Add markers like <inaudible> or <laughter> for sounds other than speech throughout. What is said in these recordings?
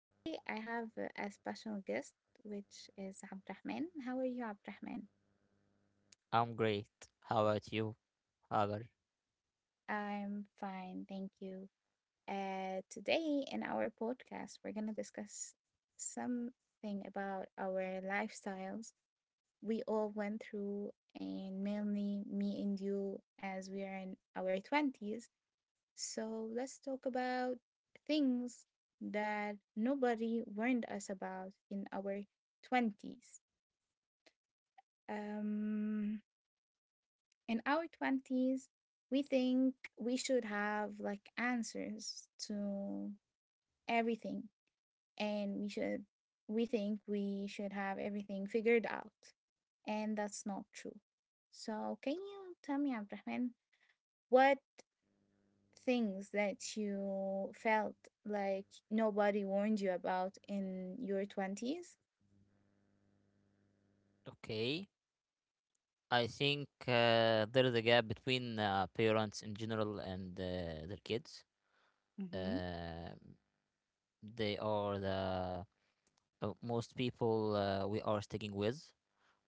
Today, I have a special guest, which is Abdrahman. How are you, Abdrahman? I'm great. How about you, Hagar? I'm fine, thank you. Today, in our podcast, we're going to discuss something about our lifestyles we all went through, and mainly me and you, as we are in our 20s. So let's talk about things that nobody warned us about in our 20s. Um, in our 20s, we think we should have like answers to everything, and we think we should have everything figured out, and that's not true. So, can you tell me, Abdrahman, what things that you felt like nobody warned you about in your 20s? Okay. I think there is a gap between parents in general and their kids. Mm-hmm. Uh, they are the most people we are sticking with,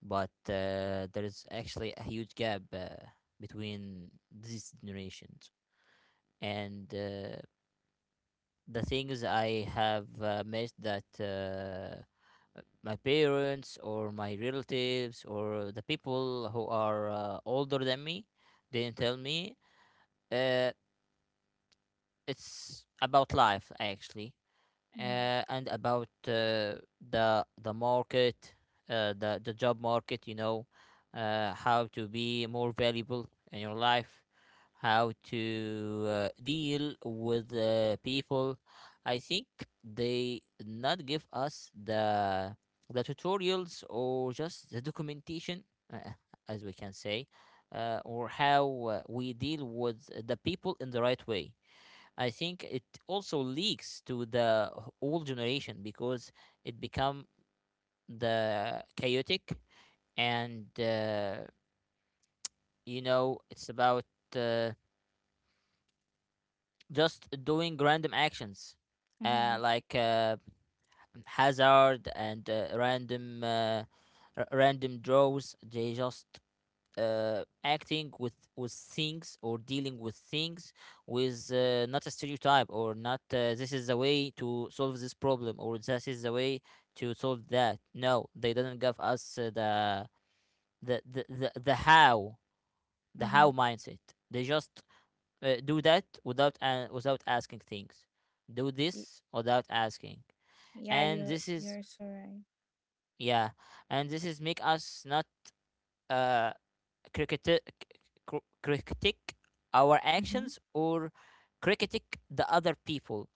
but there is actually a huge gap between these generations. And the things I have missed that my parents or my relatives or the people who are older than me didn't tell me, uh, it's about life actually, and about the market, the job market. You know, how to be more valuable in your life, how to deal with people. I think they not give us the tutorials or just the documentation, uh, as we can say, or how we deal with the people in the right way. I think it also leaks to the old generation because it become the chaotic, and you know, it's about uh, just doing random actions, Mm-hmm. Like hazard and random, random draws. They just acting with things or dealing with things with, not a stereotype or not, this is the way to solve this problem or this is the way to solve that. No, they didn't give us, the the the the how the Mm-hmm. how mindset. They just do that without, without asking things. Do Y- this without asking, Yeah, and you're this is, you're so right. yeah, and this is make us not, uh critic critic our Mm-hmm. actions or critic the other people.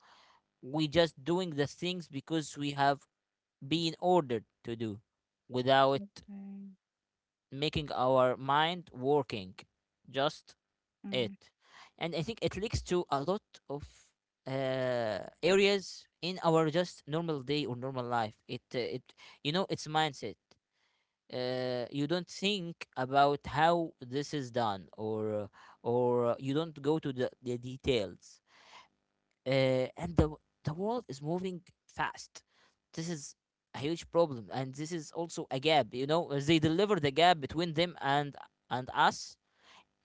We just doing the things because we have been ordered to do without Okay. making our mind working. Just it. Mm. And I think it leads to a lot of areas in our just normal day or normal life. It, it, you know, it's mindset. You don't think about how this is done, or you don't go to the details, uh, and the world is moving fast. This is a huge problem, and this is also a gap, you know. They deliver the gap between them and us,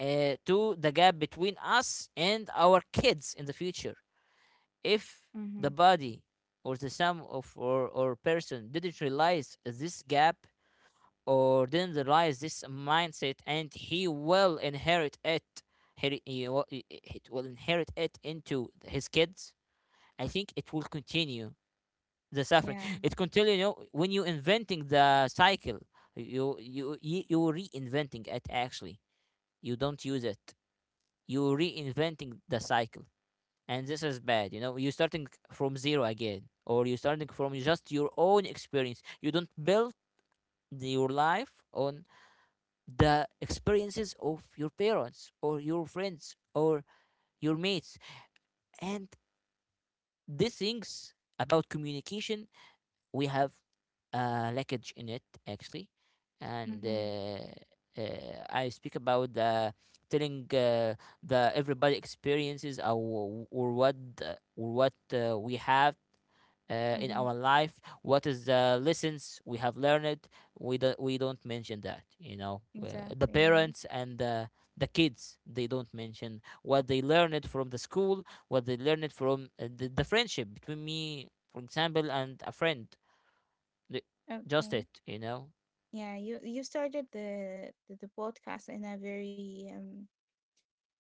to the gap between us and our kids in the future, if the Mm-hmm. body or the sum of, or person didn't realize this gap or didn't realize this mindset, and he will inherit it. He will inherit it into his kids. I think it will continue the suffering, Yeah. it continue, you know, when you inventing the cycle, you reinventing it actually. You don't use it, you reinventing the cycle, and this is bad, you know. You're starting from zero again, or you're starting from just your own experience. You don't build your life on the experiences of your parents or your friends or your mates. And these things about communication, we have leakage in it actually. and Mm-hmm. uh, uh, I speak about telling the everybody experiences, or what or what we have in Mm-hmm. our life, what is the lessons we have learned. We don't mention that, you know. The Exactly right. parents and the kids, they don't mention what they learned from the school, what they learned from the friendship between me, for example, and a friend. The- just Okay. it, you know. Yeah, you started the podcast in a very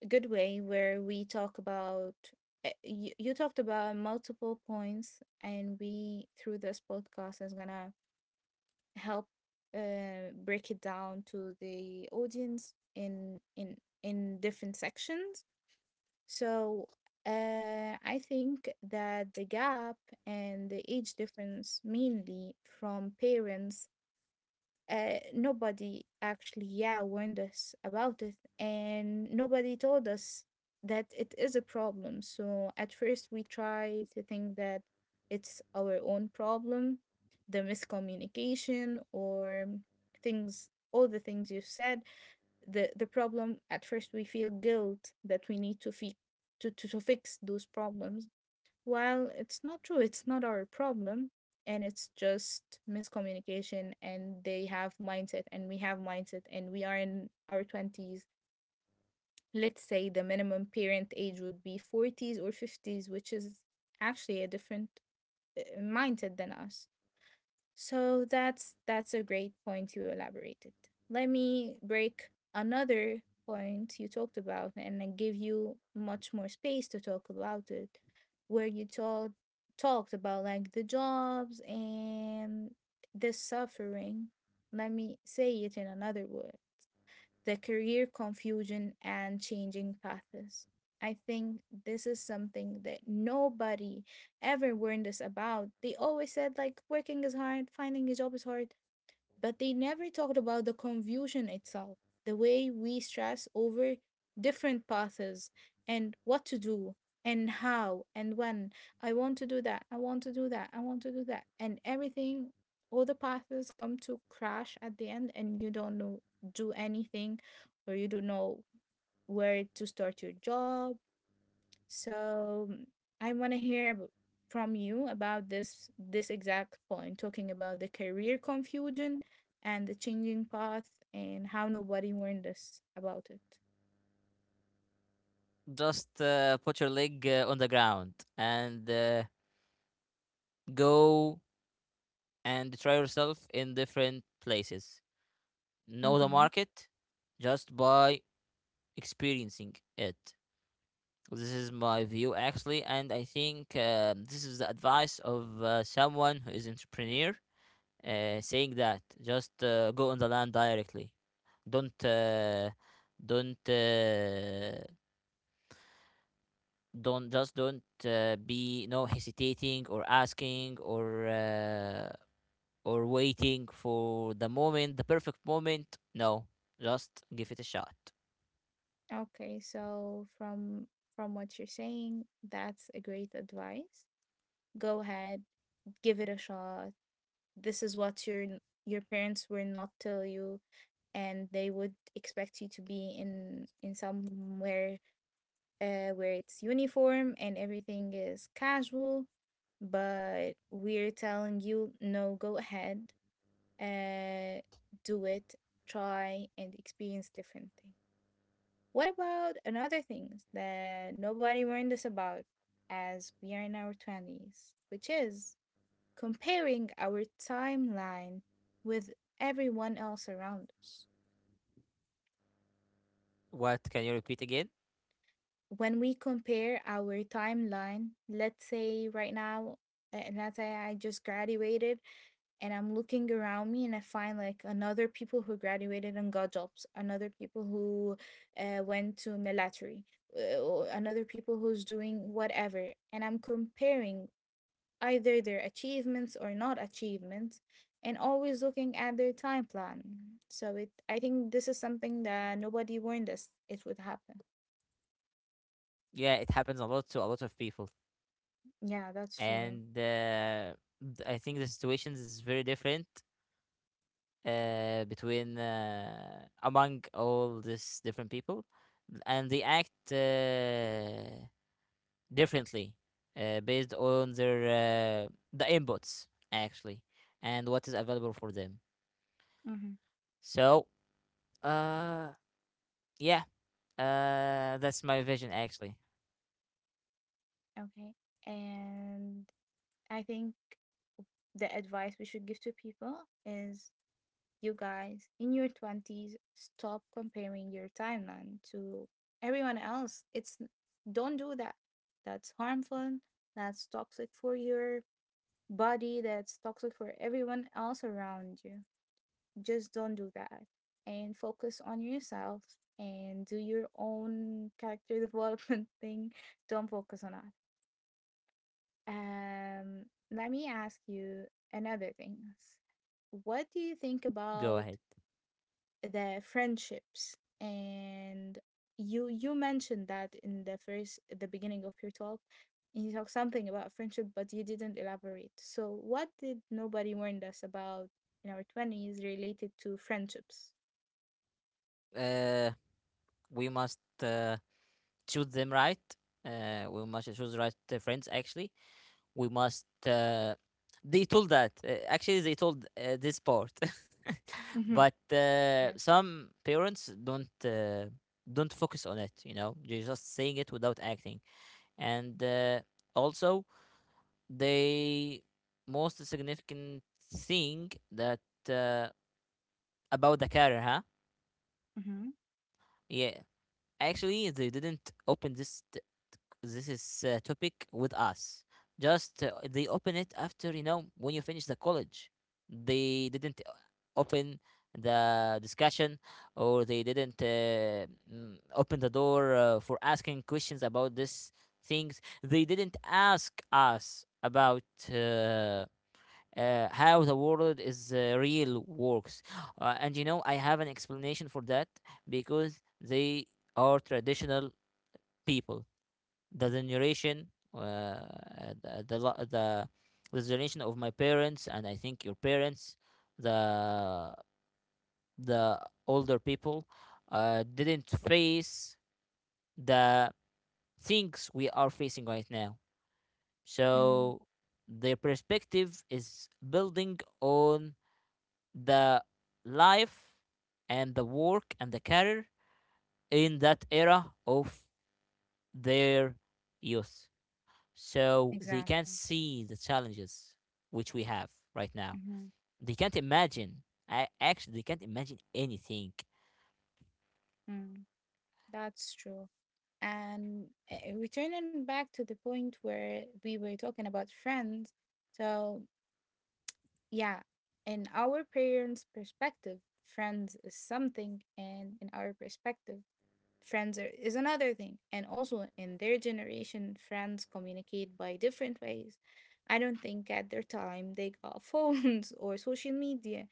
good way, where we talk about you talked about multiple points, and we, through this podcast, is gonna help break it down to the audience in different sections. So I think that the gap and the age difference, mainly from parents, nobody actually yeah warned us about it, and nobody told us that it is a problem. So at first we try to think that it's our own problem, the miscommunication, or things, all the things you said, the problem, at first we feel guilt that we need to fix to fix those problems. Well, it's not true. It's not our problem. And it's just miscommunication, and they have mindset, and we have mindset, and we are in our 20s. Let's say the minimum parent age would be 40s or 50s, which is actually a different mindset than us. So that's a great point you elaborated. Let me break another point you talked about and then give you much more space to talk about it, where you talked about like the jobs and the suffering. Let me say it in another word, the career confusion and changing paths. I think this is something that nobody ever warned us about. They always said, like, working is hard, finding a job is hard, but they never talked about the confusion itself, the way we stress over different paths and what to do and how and when. I want to do that, I want to do that, I want to do that. And everything, all the paths come to crash at the end, and you don't know, do anything, or you don't know where to start your job. So I want to hear from you about this exact point, talking about the career confusion and the changing path and how nobody warned us about it. Just put your leg on the ground and go and try yourself in different places. Know the Mm-hmm. market, just buy experiencing it. This is my view actually, and I think this is the advice of someone who is entrepreneur, saying that just go on the land directly. Don't uh, don't uh, don't be no hesitating or asking or waiting for the moment, the perfect moment. No, just give it a shot. Okay, so from what you're saying, that's a great advice. Go ahead, give it a shot. This is what your parents will not tell you, and they would expect you to be in somewhere where it's uniform and everything is casual, but we're telling you no, go ahead, uh, do it, try and experience different things. What about another things that nobody warned us about as we are in our 20s, which is comparing our timeline with everyone else around us? What can you repeat again? When we compare our timeline, let's say right now, let's say I just graduated, and I'm looking around me, and I find like another people who graduated and got jobs, another people who went to military, or another people who's doing whatever, and I'm comparing either their achievements or not achievements, and always looking at their time plan. So I think this is something that nobody warned us it would happen. Yeah, it happens a lot to a lot of people. Yeah, that's true. and uh, I think the situations is very different between among all these different people, and they act differently based on their the inputs actually and what is available for them. Hmm. So, uh, yeah, that's my vision actually. Okay. And I think the advice we should give to people is, you guys in your 20s, stop comparing your timeline to everyone else. It's don't do that. That's harmful. That's toxic for your body. That's toxic for everyone else around you. Just don't do that, and focus on yourself, and do your own character <laughs> development thing. Don't focus on others. Um, Let me ask you another thing. What do you think Go about ahead. the friendships? And you mentioned that in the beginning of your talk, and you talked something about friendship, but you didn't elaborate. So what did nobody warned us about in our 20s related to friendships? Uh, we must choose them right. We must choose the right friends actually. We must they told that actually, they told this part, <laughs> Mm-hmm. but Yes. some parents don't focus on it, you know. They're just saying it without acting. And also the most significant thing that uh, about the career, huh? Mm-hmm. Yeah, actually they didn't open this is topic with us. Just they open it after, you know, when you finish the college. They didn't open the discussion, or they didn't open the door for asking questions about these things. They didn't ask us about. Uh, how the world is real works, and you know, I have an explanation for that, because they are traditional people. The generation, uh, the the, the the generation of my parents, and I think your parents, the the older people didn't face the things we are facing right now. Mm, So their perspective is building on the life and the work and the career in that era of their youth, so they can't exactly. see the challenges which we have right now. Mm-hmm. They can't imagine, actually they can't imagine anything. Mm. That's true. And returning back to the point where we were talking about friends, so yeah, in our parents' perspective, friends is something, and in our perspective, friends is another thing. And also in their generation, friends communicate by different ways. I don't think at their time they got phones <laughs> or social media.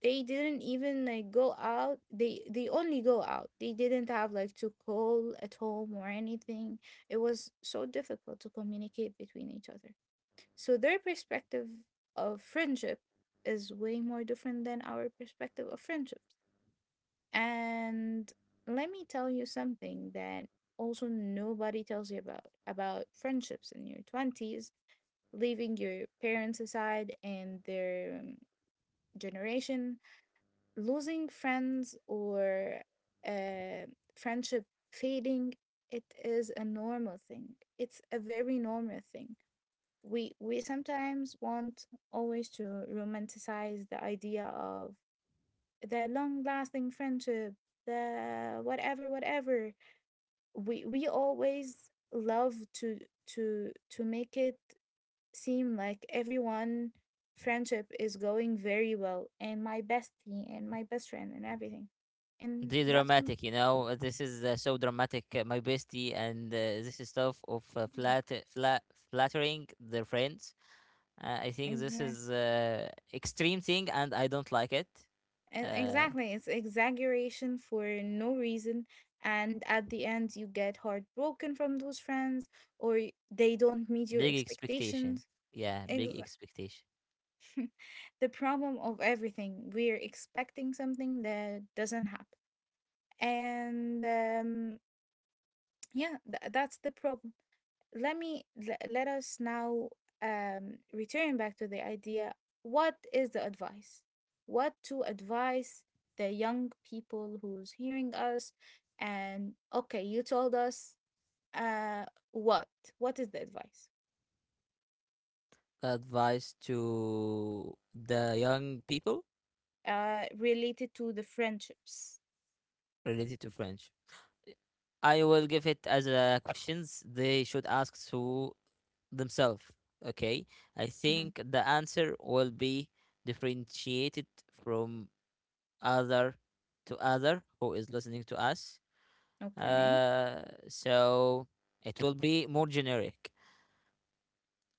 They didn't even like go out. They only go out. They didn't have like to call at home or anything. It was so difficult to communicate between each other. So their perspective of friendship is way more different than our perspective of friendships, and let me tell you something that also nobody tells you about friendships in your 20s, leaving your parents aside and their generation, losing friends, or uh, friendship fading. It is a normal thing. It's a very normal thing. We sometimes want always to romanticize the idea of the long lasting friendship, the whatever whatever, we always love to make it seem like everyone friendship is going very well, and my bestie and my best friend and everything, and The that's... dramatic, you know. This is so dramatic, my bestie and this is stuff of flat flattering their friends. I think this Exactly, is extreme thing, and I don't like it. uh, exactly, it's exaggeration for no reason. And at the end you get heartbroken from those friends, or they don't meet your big expectation, expectations. yeah, big Exa- expectation. <laughs> the problem of everything we're expecting something that doesn't happen, and yeah, that's the problem. Let us now return back to the idea, what is the advice, what to advise the young people who's hearing us, and okay, you told us uh, what what is the advice Advice to the young people, related to the friendships. related to french, I will give it as a questions they should ask to themselves. Okay, I Hmm. think the answer will be differentiated from other to other who is listening to us. Okay. Uh, so it will be more generic.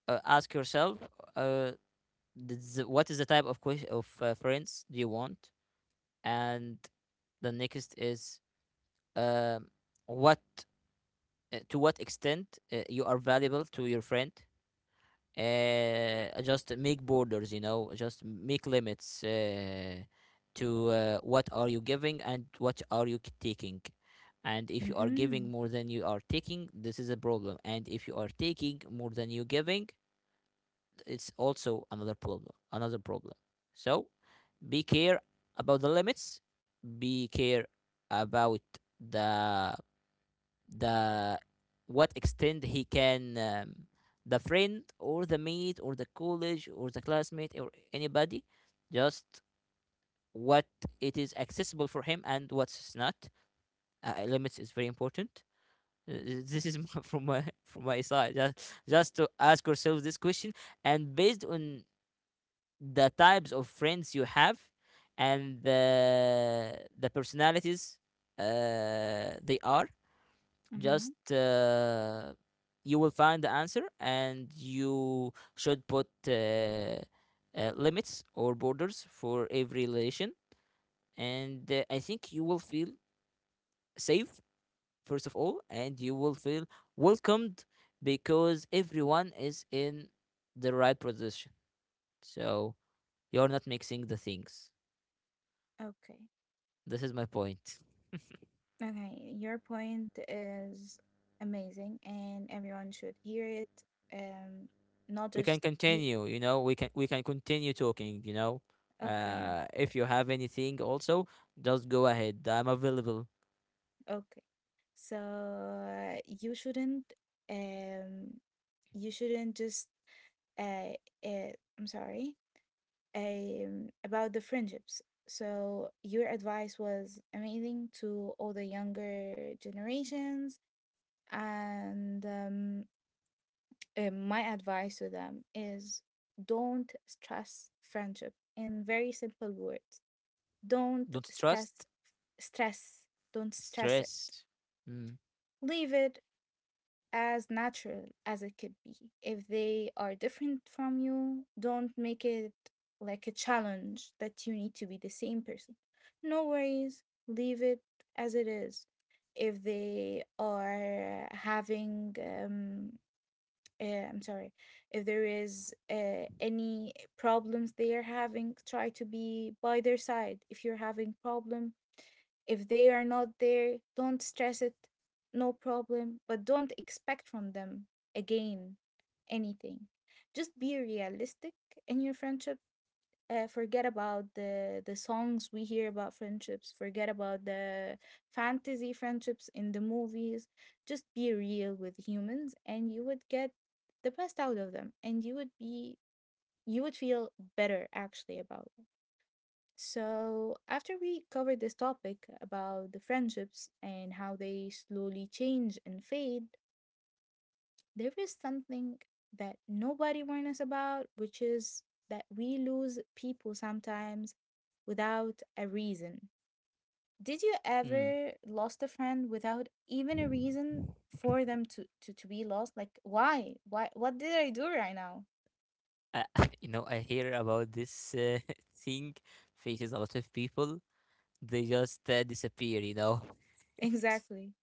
Ask yourself, uh, this, what is the type of friends do you want, and the next is, um, what to what extent you are valuable to your friend. Just make borders, you know, just make limits to what are you giving and what are you taking. And if you are Mm-hmm. giving more than you are taking, this is a problem, and if you are taking more than you giving, it's also another problem, another problem. So be care about the limits, be care about the the what extent he can, the friend or the mate or the college or the classmate or anybody, just what, it is accessible for him and what's not. Limits is very important. This is <laughs> from my side, just to ask yourself this question. And based on the types of friends you have and the the personalities they are, Mm-hmm. just you will find the answer, and you should put limits or borders for every relation. And I think you will feel safe first of all, and you will feel welcomed because everyone is in the right position, so you're not mixing the things. Okay. This is my point. Okay, your point is amazing and everyone should hear it, um, not We can just continue, you know, we can continue talking, you know. Okay, If you have anything also, just go ahead, I'm available. okay. So you shouldn't um just, uh, uh I'm sorry, about the friendships. So your advice was amazing to all the younger generations, and my advice to them is, don't stress friendship in very simple words. Don't Don't trust, stress. Don't stress it. stress, mm, Leave it as natural as it could be. If they are different from you, don't make it like a challenge that you need to be the same person. No worries, leave it as it is. If they are having, I'm sorry, if there is any problems they are having, try to be by their side. If you're having problem, if they are not there, don't stress it. No problem. But don't expect from them again anything. Just be realistic in your friendship. Forget about the songs we hear about friendships. Forget about the fantasy friendships in the movies. Just be real with humans, and you would get the best out of them, and you would feel better actually about... So, after we covered this topic about the friendships and how they slowly change and fade, there is something that nobody warned us about, which is that we lose people sometimes without a reason. Did you mm. ever lost a friend without even a reason for them to be lost? Like, why? Why? What did I do right now? <laughs> <laughs> You know, I hear about this <laughs> thing faces a lot of people. They just disappear, you know, <laughs> Exactly.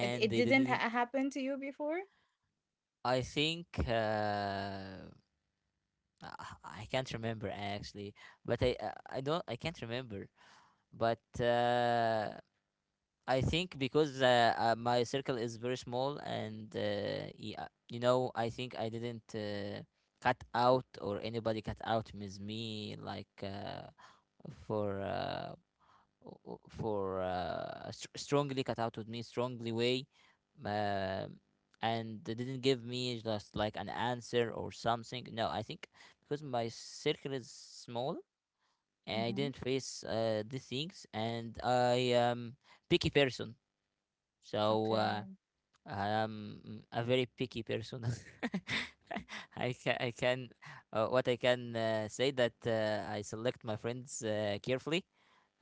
It, it they didn't didn't, happen to you before? i think uh I can't remember actually, but I don't, I can't remember. But I think because my circle is very small and yeah, you know, I think I didn't cut out, or anybody cut out with me like for for strongly cut out with me strongly way, uh, and they didn't give me just like an answer or something. No, I think because my circle is small, I Hmm. didn't face these things, and I am picky person. So Okay. I'm a very picky person. <laughs> I can what I can say that I select my friends carefully,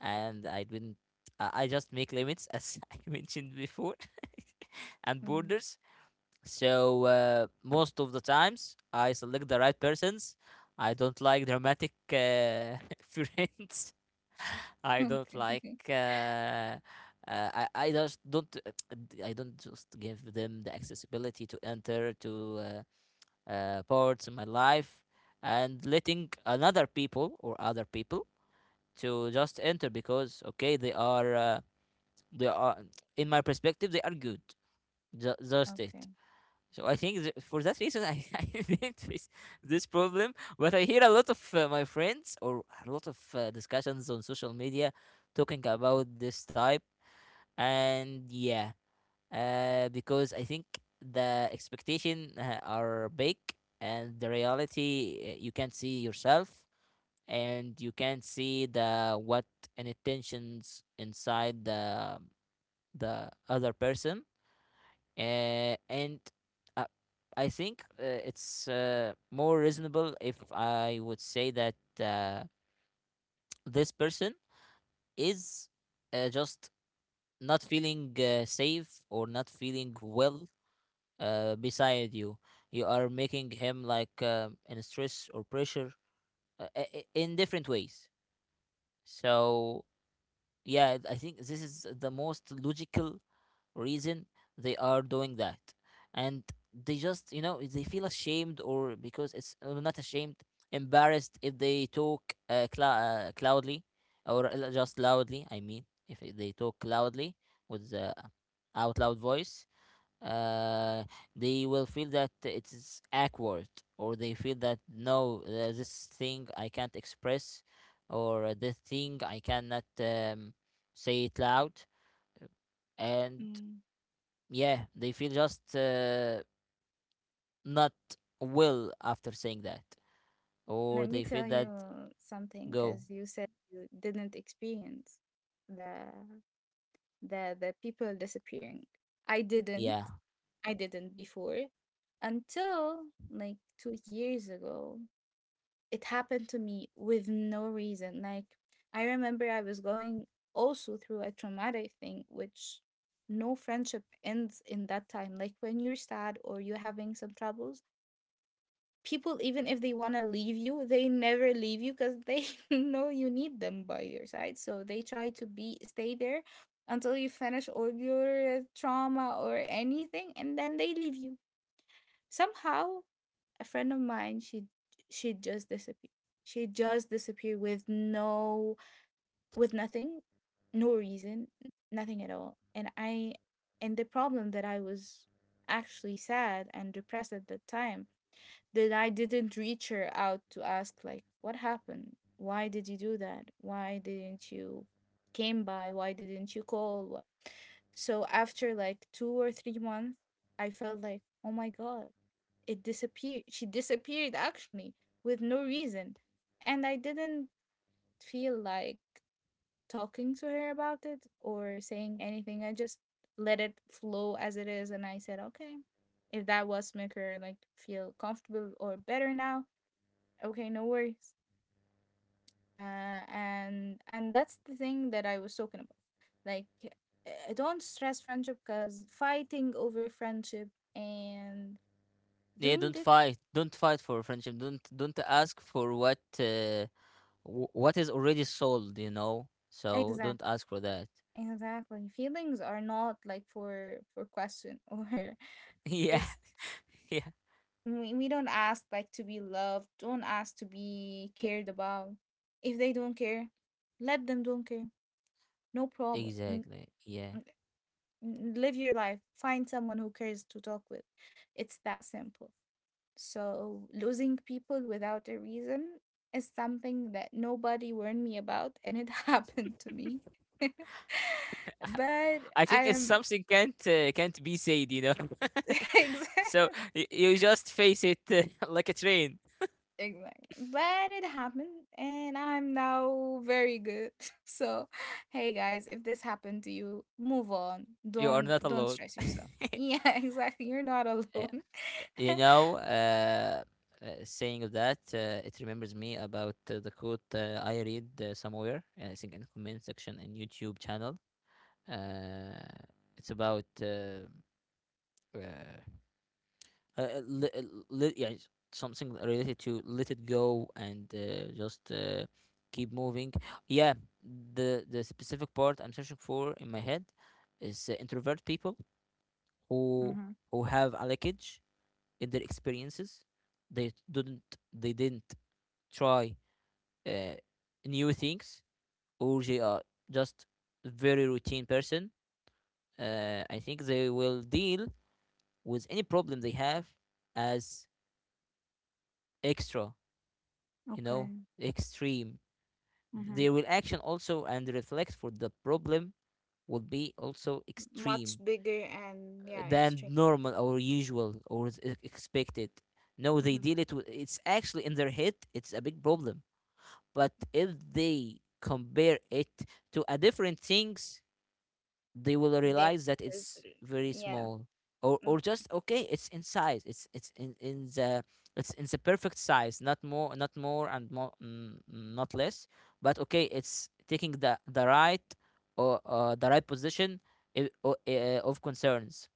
and I didn't, I just make limits as <laughs> I mentioned before <laughs> and Mm. borders. So most of the times I select the right persons. I don't like dramatic <laughs> friends, I don't like. Okay. <laughs> I just don't. <tsk> I don't just give them the accessibility to enter to uh, parts in my life, and letting another people or other people to just enter because okay, they are they are, in my perspective they are good. Just it. Okay. So I think for that reason, <laughs> I didn't face this problem. But I hear a lot of my friends or a lot of discussions on social media talking about this type. And yeah, because I think the expectation are big and the reality, you can't see yourself and you can't see the what and intentions inside the other person, and uh, I think it's more reasonable if I would say that, uh, this person is just not feeling safe or not feeling well beside you. You are making him like in stress or pressure, in different ways. So yeah, I think this is the most logical reason they are doing that. And they just, they feel ashamed, or because it's not ashamed, embarrassed, if they talk loudly. Or just loudly, I mean, if they talk loudly with the out loud voice, uh, they will feel that it is awkward, or they feel that no, this thing I can't express, or this thing I cannot, say it loud. And Mm. yeah, they feel just not well after saying that, Let or me they feel tell that you something, go. because you said you didn't experience the the people disappearing. I didn't. Yeah, I didn't before until like 2 years ago. It happened to me with no reason. Like, I remember I was going also through a traumatic thing, which no friendship ends in that time. Like, when you're sad or you're having some troubles, people, even if they want to leave you, they never leave you, because they <laughs> know you need them by your side, so they try to be stay there until you finish all your trauma or anything, and then they leave you somehow. A friend of mine, she just disappeared, she just disappeared with no with nothing, no reason, nothing at all, and I, and the problem that I was actually sad and depressed at the time, that I didn't reach her out to ask, like, what happened? Why did you do that? Why didn't you came by? Why didn't you call? So after like 2 or 3 months, I felt like, "Oh my god, it disappeared. She disappeared actually with no reason." And I didn't feel like talking to her about it or saying anything. I just let it flow as it is and I said, "Okay, if that was make her like feel comfortable or better now. Okay, no worries." And that's the thing that I was talking about. Like, don't stress friendship, because fighting over friendship and yeah, doing don't this fight, don't fight for friendship, don't ask for what, what is already sold, you know. So exact don't ask for that. exactly, feelings are not like for question <laughs> or <laughs> yeah. it's, Yeah. we don't ask like to be loved, don't ask to be cared about. If they don't care, let them don't care. No problem. Exactly. Yeah. Live your life, find someone who cares to talk with. It's that simple. So, losing people without a reason is something that nobody warned me about, and it <laughs> happened to me. <laughs> But I I think it's am, something can't be said, you know. <laughs> <laughs> so exactly, you just face it, <laughs> like a train. exactly. But it happened, and I'm now very good. <laughs> So, hey guys, if this happened to you, move on. You are Don't not don't alone. stress yourself. <laughs> Yeah, exactly. You're not Uh, alone. You <laughs> know, saying of that, it remembers me about the quote I read somewhere. I think in the comment section in YouTube channel. Uh, it's about uh, uh, uh, li- uh, yeah, something related to let it go and just keep moving. Yeah, the specific part I'm searching for in my head is introvert people who Mm-hmm. who have a leakage in their experiences. They didn't try uh, new things, or they are just very routine person. I think they will deal with any problem they have as extra, you know, Okay. extreme. Mm-hmm. Their reaction also and reflect for the problem would be also Much extreme, bigger, and yeah, than extreme. normal or usual or is expected. No, they Mhm. deal it with, it's actually in their head, it's a big problem. But if they compare it to a different things, they will They, realize that uh, it's very yeah, small. Or just okay. okay, it's in size, it's in the, it's in the perfect size, not more, not more and more not less. But okay, it's taking the right, or the right position, of concerns.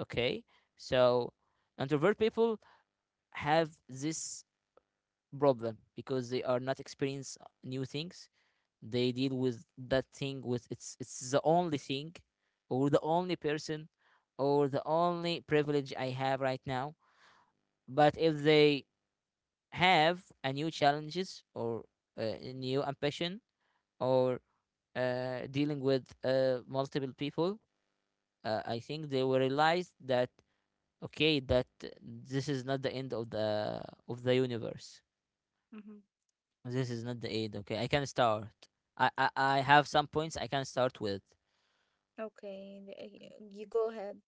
Okay. So introvert people have this problem because they are not experience new things. They deal with that thing with, it's the only thing, or the only person, or the only privilege I have right now. But if they have a new challenges, or a new ambition, or dealing with multiple people, I think they will realize that, okay, that this is not the end of the universe. Mhm. This is not the end. Okay, I can start. I have some points I can start with. Okay, you go ahead.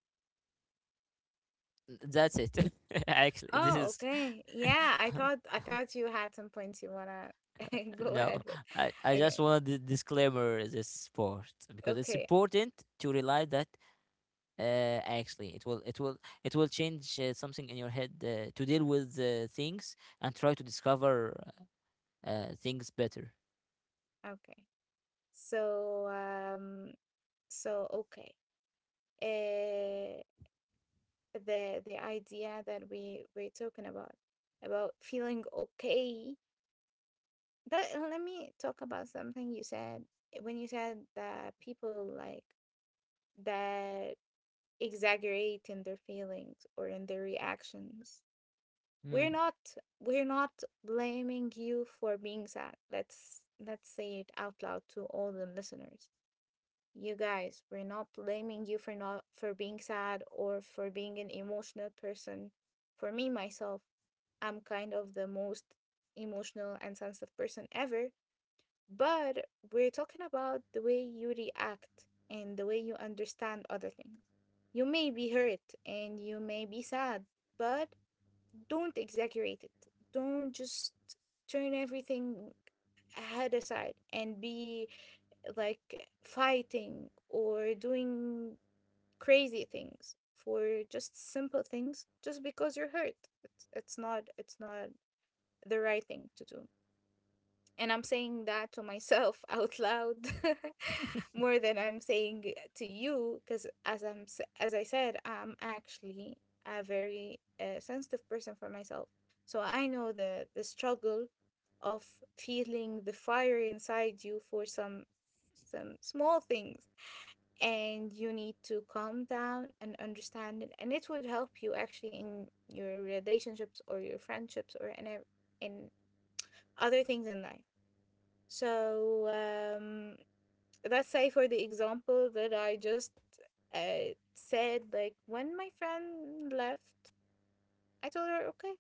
That's it. <laughs> Actually, this Oh, is, okay. <laughs> Yeah, I thought you had some points you wanna <laughs> go no. ahead with. I Okay. just want to disclaimer this sport because it's Okay. important to realize that, actually, it will change something in your head to deal with things and try to discover things better. Okay. So, um so, okay. Uh the idea that we we're talking about feeling okay. That, let me talk about something you said, when you said that people like that exaggerate in their feelings or in their reactions. Mm. We're not we're not blaming you for being sad. Let's say it out loud to all the listeners. You guys, we're not blaming you for not, for being sad or for being an emotional person. For me myself, I'm kind of the most emotional and sensitive person ever, but we're talking about the way you react and the way you understand other things. You may be hurt and you may be sad, but don't exaggerate it. Don't just turn everything head aside and be like fighting or doing crazy things for just simple things just because you're hurt. It's not the right thing to do. And I'm saying that to myself <laughs> out loud <laughs> more than I'm saying it to you, because as I said, I'm actually a very sensitive person for myself. So I know the struggle of feeling the fire inside you for some small things, and you need to calm down and understand it, and it would help you actually in your relationships or your friendships or in in other things in life. So um, let's say for the example that I just said, like when my friend left, I told her, okay,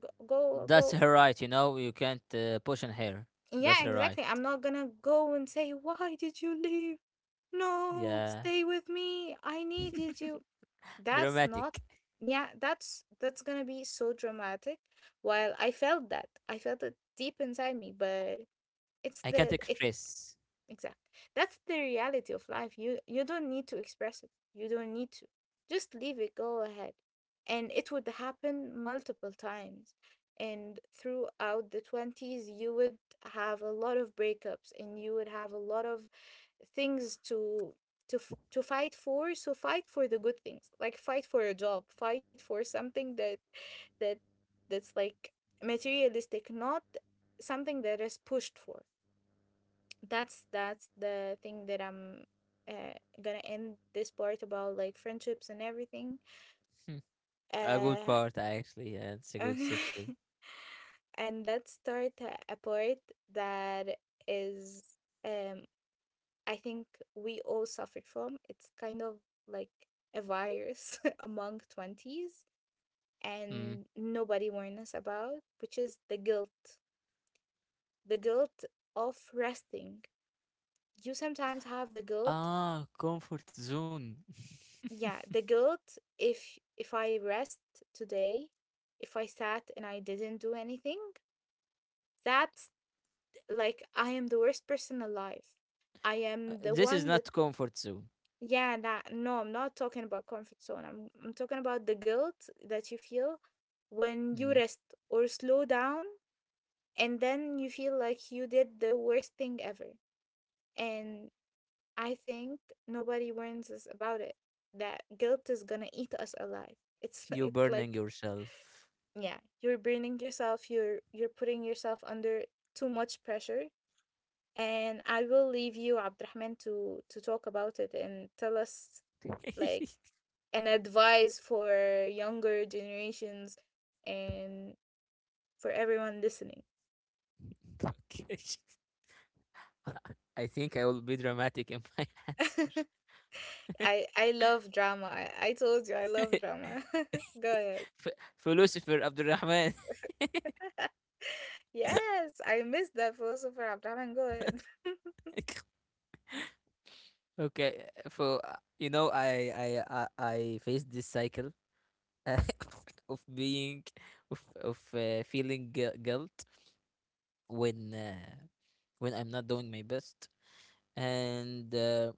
go, go, That's go. her right. You know you can't push on her. That's Yeah, her right. exactly. I'm not gonna go and say, why did you leave? No, Yeah, stay with me. I needed you. That's not. dramatic. Yeah, that's gonna be so dramatic. While I felt that, I felt it deep inside me, but it's I can't the it's express. exactly. That's the reality of life. You don't need to express it. You don't need to. Just leave it, go ahead. And it would happen multiple times. And throughout the 20s, you would have a lot of breakups and you would have a lot of things to to fight for. So fight for the good things. Like fight for a job, fight for something that that that's like materialistic, not something that is pushed for. That's the thing that I'm uh, gonna end this part about like friendships and everything. <laughs> a good Uh, part actually. Yeah, it's a <laughs> good section. okay, and let's start a part that is um I think we all suffered from. It's kind of like a virus <laughs> among twenties, Hmm. and nobody warned us about, which is the guilt of resting. You sometimes have the guilt. Ah, comfort zone. <laughs> Yeah, the guilt, if I rest today, if I sat and I didn't do anything, that's like I am the worst person alive. I am the This is one that, not comfort zone. yeah, that no, I'm not talking about comfort zone. I'm talking about the guilt that you feel when you Mm. rest or slow down, and then you feel like you did the worst thing ever. And I think nobody warns us about it. That guilt is gonna eat us alive. It's <laughs> You're it's burning like, yourself. yeah, you're burning yourself, you're putting yourself under too much pressure. And I will leave you, Abdurrahman, to talk about it and tell us <laughs> like an advice for younger generations and for everyone listening. okay. <laughs> I think I will be dramatic in my <laughs> answer. <laughs> I love drama. I told you I love drama. <laughs> Go ahead. Philosopher Abdulrahman. <laughs> Yes, I missed that, philosopher Abdurrahman. Go ahead. <laughs> okay, for you know, I faced this cycle uh, <laughs> of being of feeling guilt when uh, when I'm not doing my best. and uh,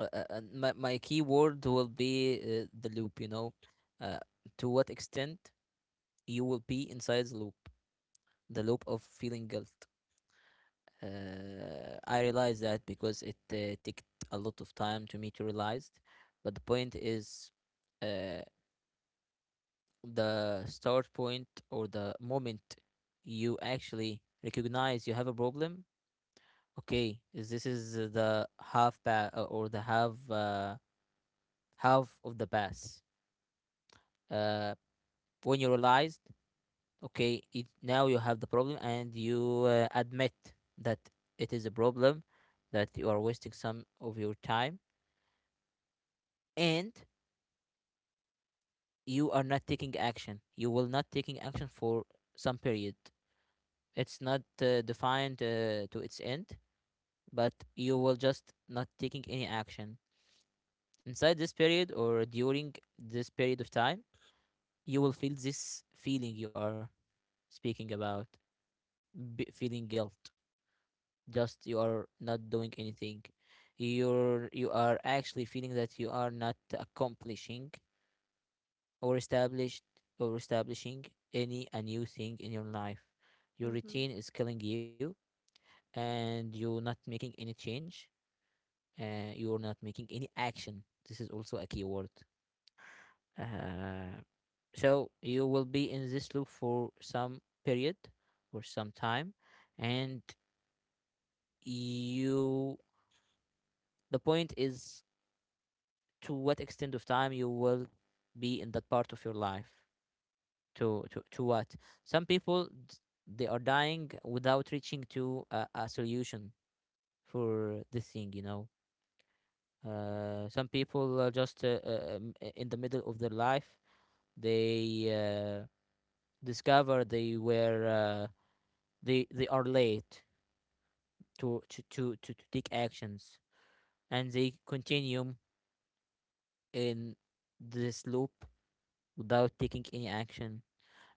my key word will be the loop, you know, uh, to what extent you will be inside the loop, the loop of feeling guilt. I realized that because it took a lot of time to me to realize. But the point is, uh, the start point, or the moment you actually recognize you have a problem, okay, is, this is the half path, or the half half of the path. uh, when you realized, okay, it, now you have the problem, and you admit that it is a problem, that you are wasting some of your time, and you are not taking action, you will not taking action for some period. It's not defined to its end, but you will just not taking any action. Inside this period, or during this period of time, you will feel this feeling you are speaking about, feeling guilt, just, you are not doing anything. You're, you are actually feeling that you are not accomplishing, or established, or establishing any a new thing in your life, your routine is killing you, and you're not making any change. You're not making any action. This is also a key word. uh, so you will be in this loop for some period, or some time, and you, the point is, to what extent of time you will be in that part of your life. To to what, some people they are dying without reaching to a solution for this thing, you know. Some people are just in the middle of their life, they uh, discover they were they they are late to take actions, and they continue in this loop without taking any action.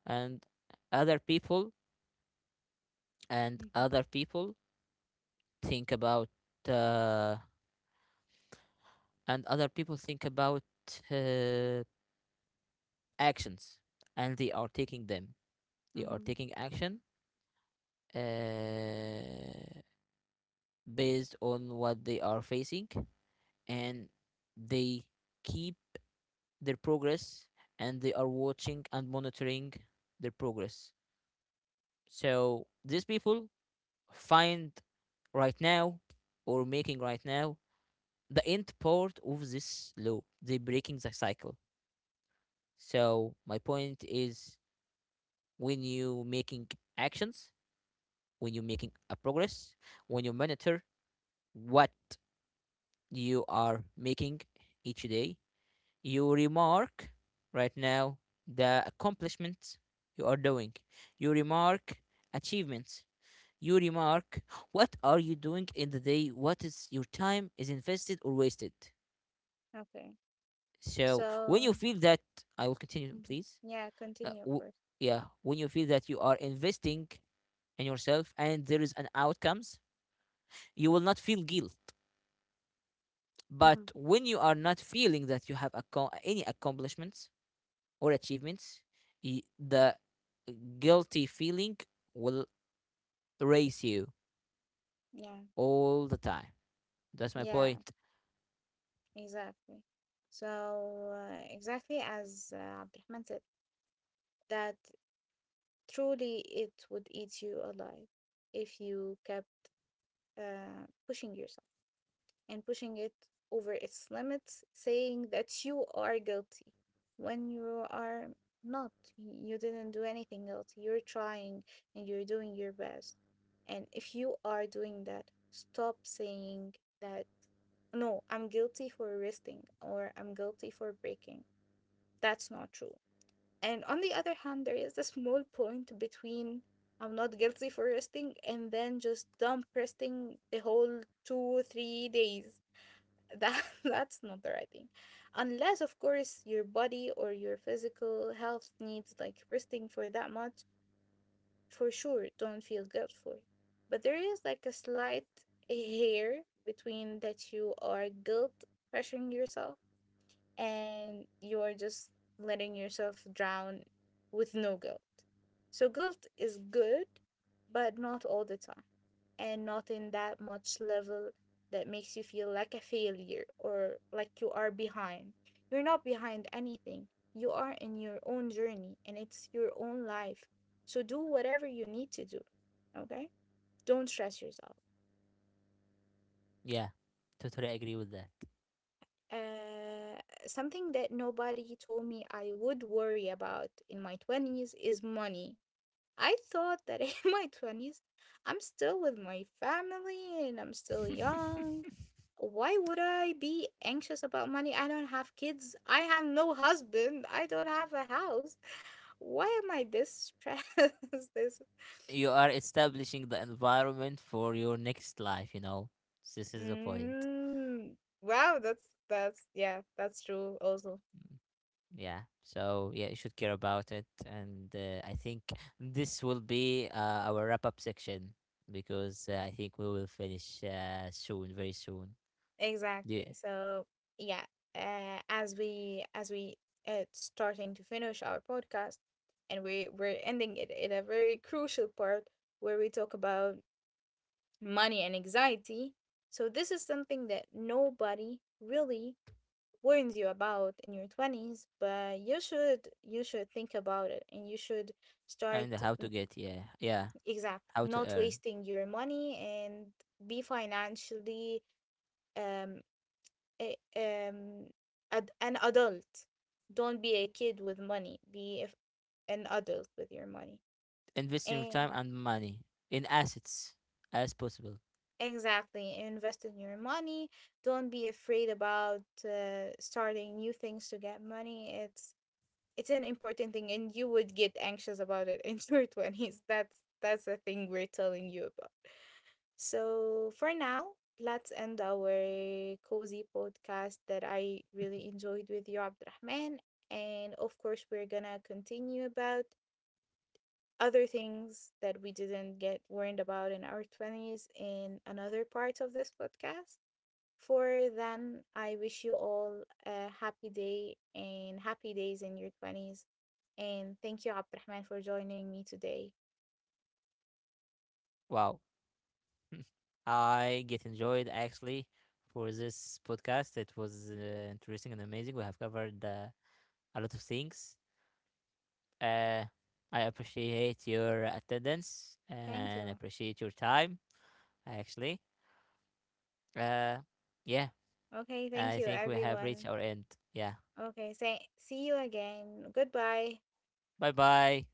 and other people <laughs> and Mm-hmm. other people think about, uh, and other people think about uh, actions, and they are taking them. They are Mm. taking action, uh, based on what they are facing. And they keep their progress, and they are watching and monitoring their progress. So these people find right now, or making right now, the end part of this loop, they breaking the cycle. So my point is, when you making actions, when you making a progress, when you monitor what you are making each day, you remark right now the accomplishments you are doing, you remark achievements, you remark what are you doing in the day, what is your time is invested or wasted. Okay. So when So, you feel that, I will continue Mhm. please. Yeah, uh, continue, of w- course. yeah, when you feel that you are investing in yourself and there is an outcomes, you will not feel guilt. But when you are not feeling that you have any accomplishments or achievements, the guilty feeling will race you Yeah, all the time. That's my yeah, point. exactly. So, exactly as Abdurrahman said, that truly it would eat you alive if you kept pushing yourself, and pushing it over its limits, saying that you are guilty when you are not. You didn't do anything else. You're trying and you're doing your best. And if you are doing that, stop saying that, no, I'm guilty for resting, or I'm guilty for breaking. That's not true. And on the other hand, there is a small point between I'm not guilty for resting, and then just dump resting the whole two, three days. That <laughs> that's not the right thing, unless of course your body or your physical health needs like resting for that much. For sure, don't feel guilt for it. But there is like a slight <laughs> hair between that you are guilt pressuring yourself, and you are just letting yourself drown with no guilt. So guilt is good, but not all the time, and not in that much level that makes you feel like a failure or like you are behind. You're not behind anything. You are in your own journey and it's your own life. So do whatever you need to do. Okay? Don't stress yourself. Yeah. Totally agree with that. Uh, Something that nobody told me I would worry about in my 20s is money. I thought that <laughs> in my 20s, I'm still with my family and I'm still young. Why would I be anxious about money? I don't have kids. I have no husband. I don't have a house. Why am I this stressed? <laughs> This <laughs> you are establishing the environment for your next life, you know. This is the point. mm, wow, that's, yeah, that's true also. Yeah. So yeah, you should care about it, and I think this will be our wrap up section, because I think we will finish soon, very soon. Exactly. Yeah, So yeah, as we starting to finish our podcast, and we we're ending it in a very crucial part where we talk about money and anxiety. So, this is something that nobody really warns you about in your 20s, but you should think about it and you should and start how to get, yeah, yeah, exact, how to not earn, wasting your money, and be financially um, a, um an adult. Don't be a kid with money, be a, an adult with your money. invest your And time and money in assets as possible. exactly. Invest in your money. Don't be afraid about starting new things to get money. It's an important thing, and you would get anxious about it <laughs> in your twenties. That's the thing we're telling you about. So for now, let's end our cozy podcast that I really enjoyed with you, Abdurrahman. And of course, we're gonna continue about other things that we didn't get warned about in our 20s in another part of this podcast. For then, I wish you all a happy day and happy days in your 20s. And thank you, Abdurrahman, for joining me today. Wow, I get enjoyed actually for this podcast. It was interesting and amazing. We have covered a lot of things. Uh, I appreciate your attendance Thank and you. appreciate your time, actually. Uh, yeah, Okay, thank I you, think we have reached everyone. our end. Yeah. Okay, say, see you again. Goodbye. Bye bye.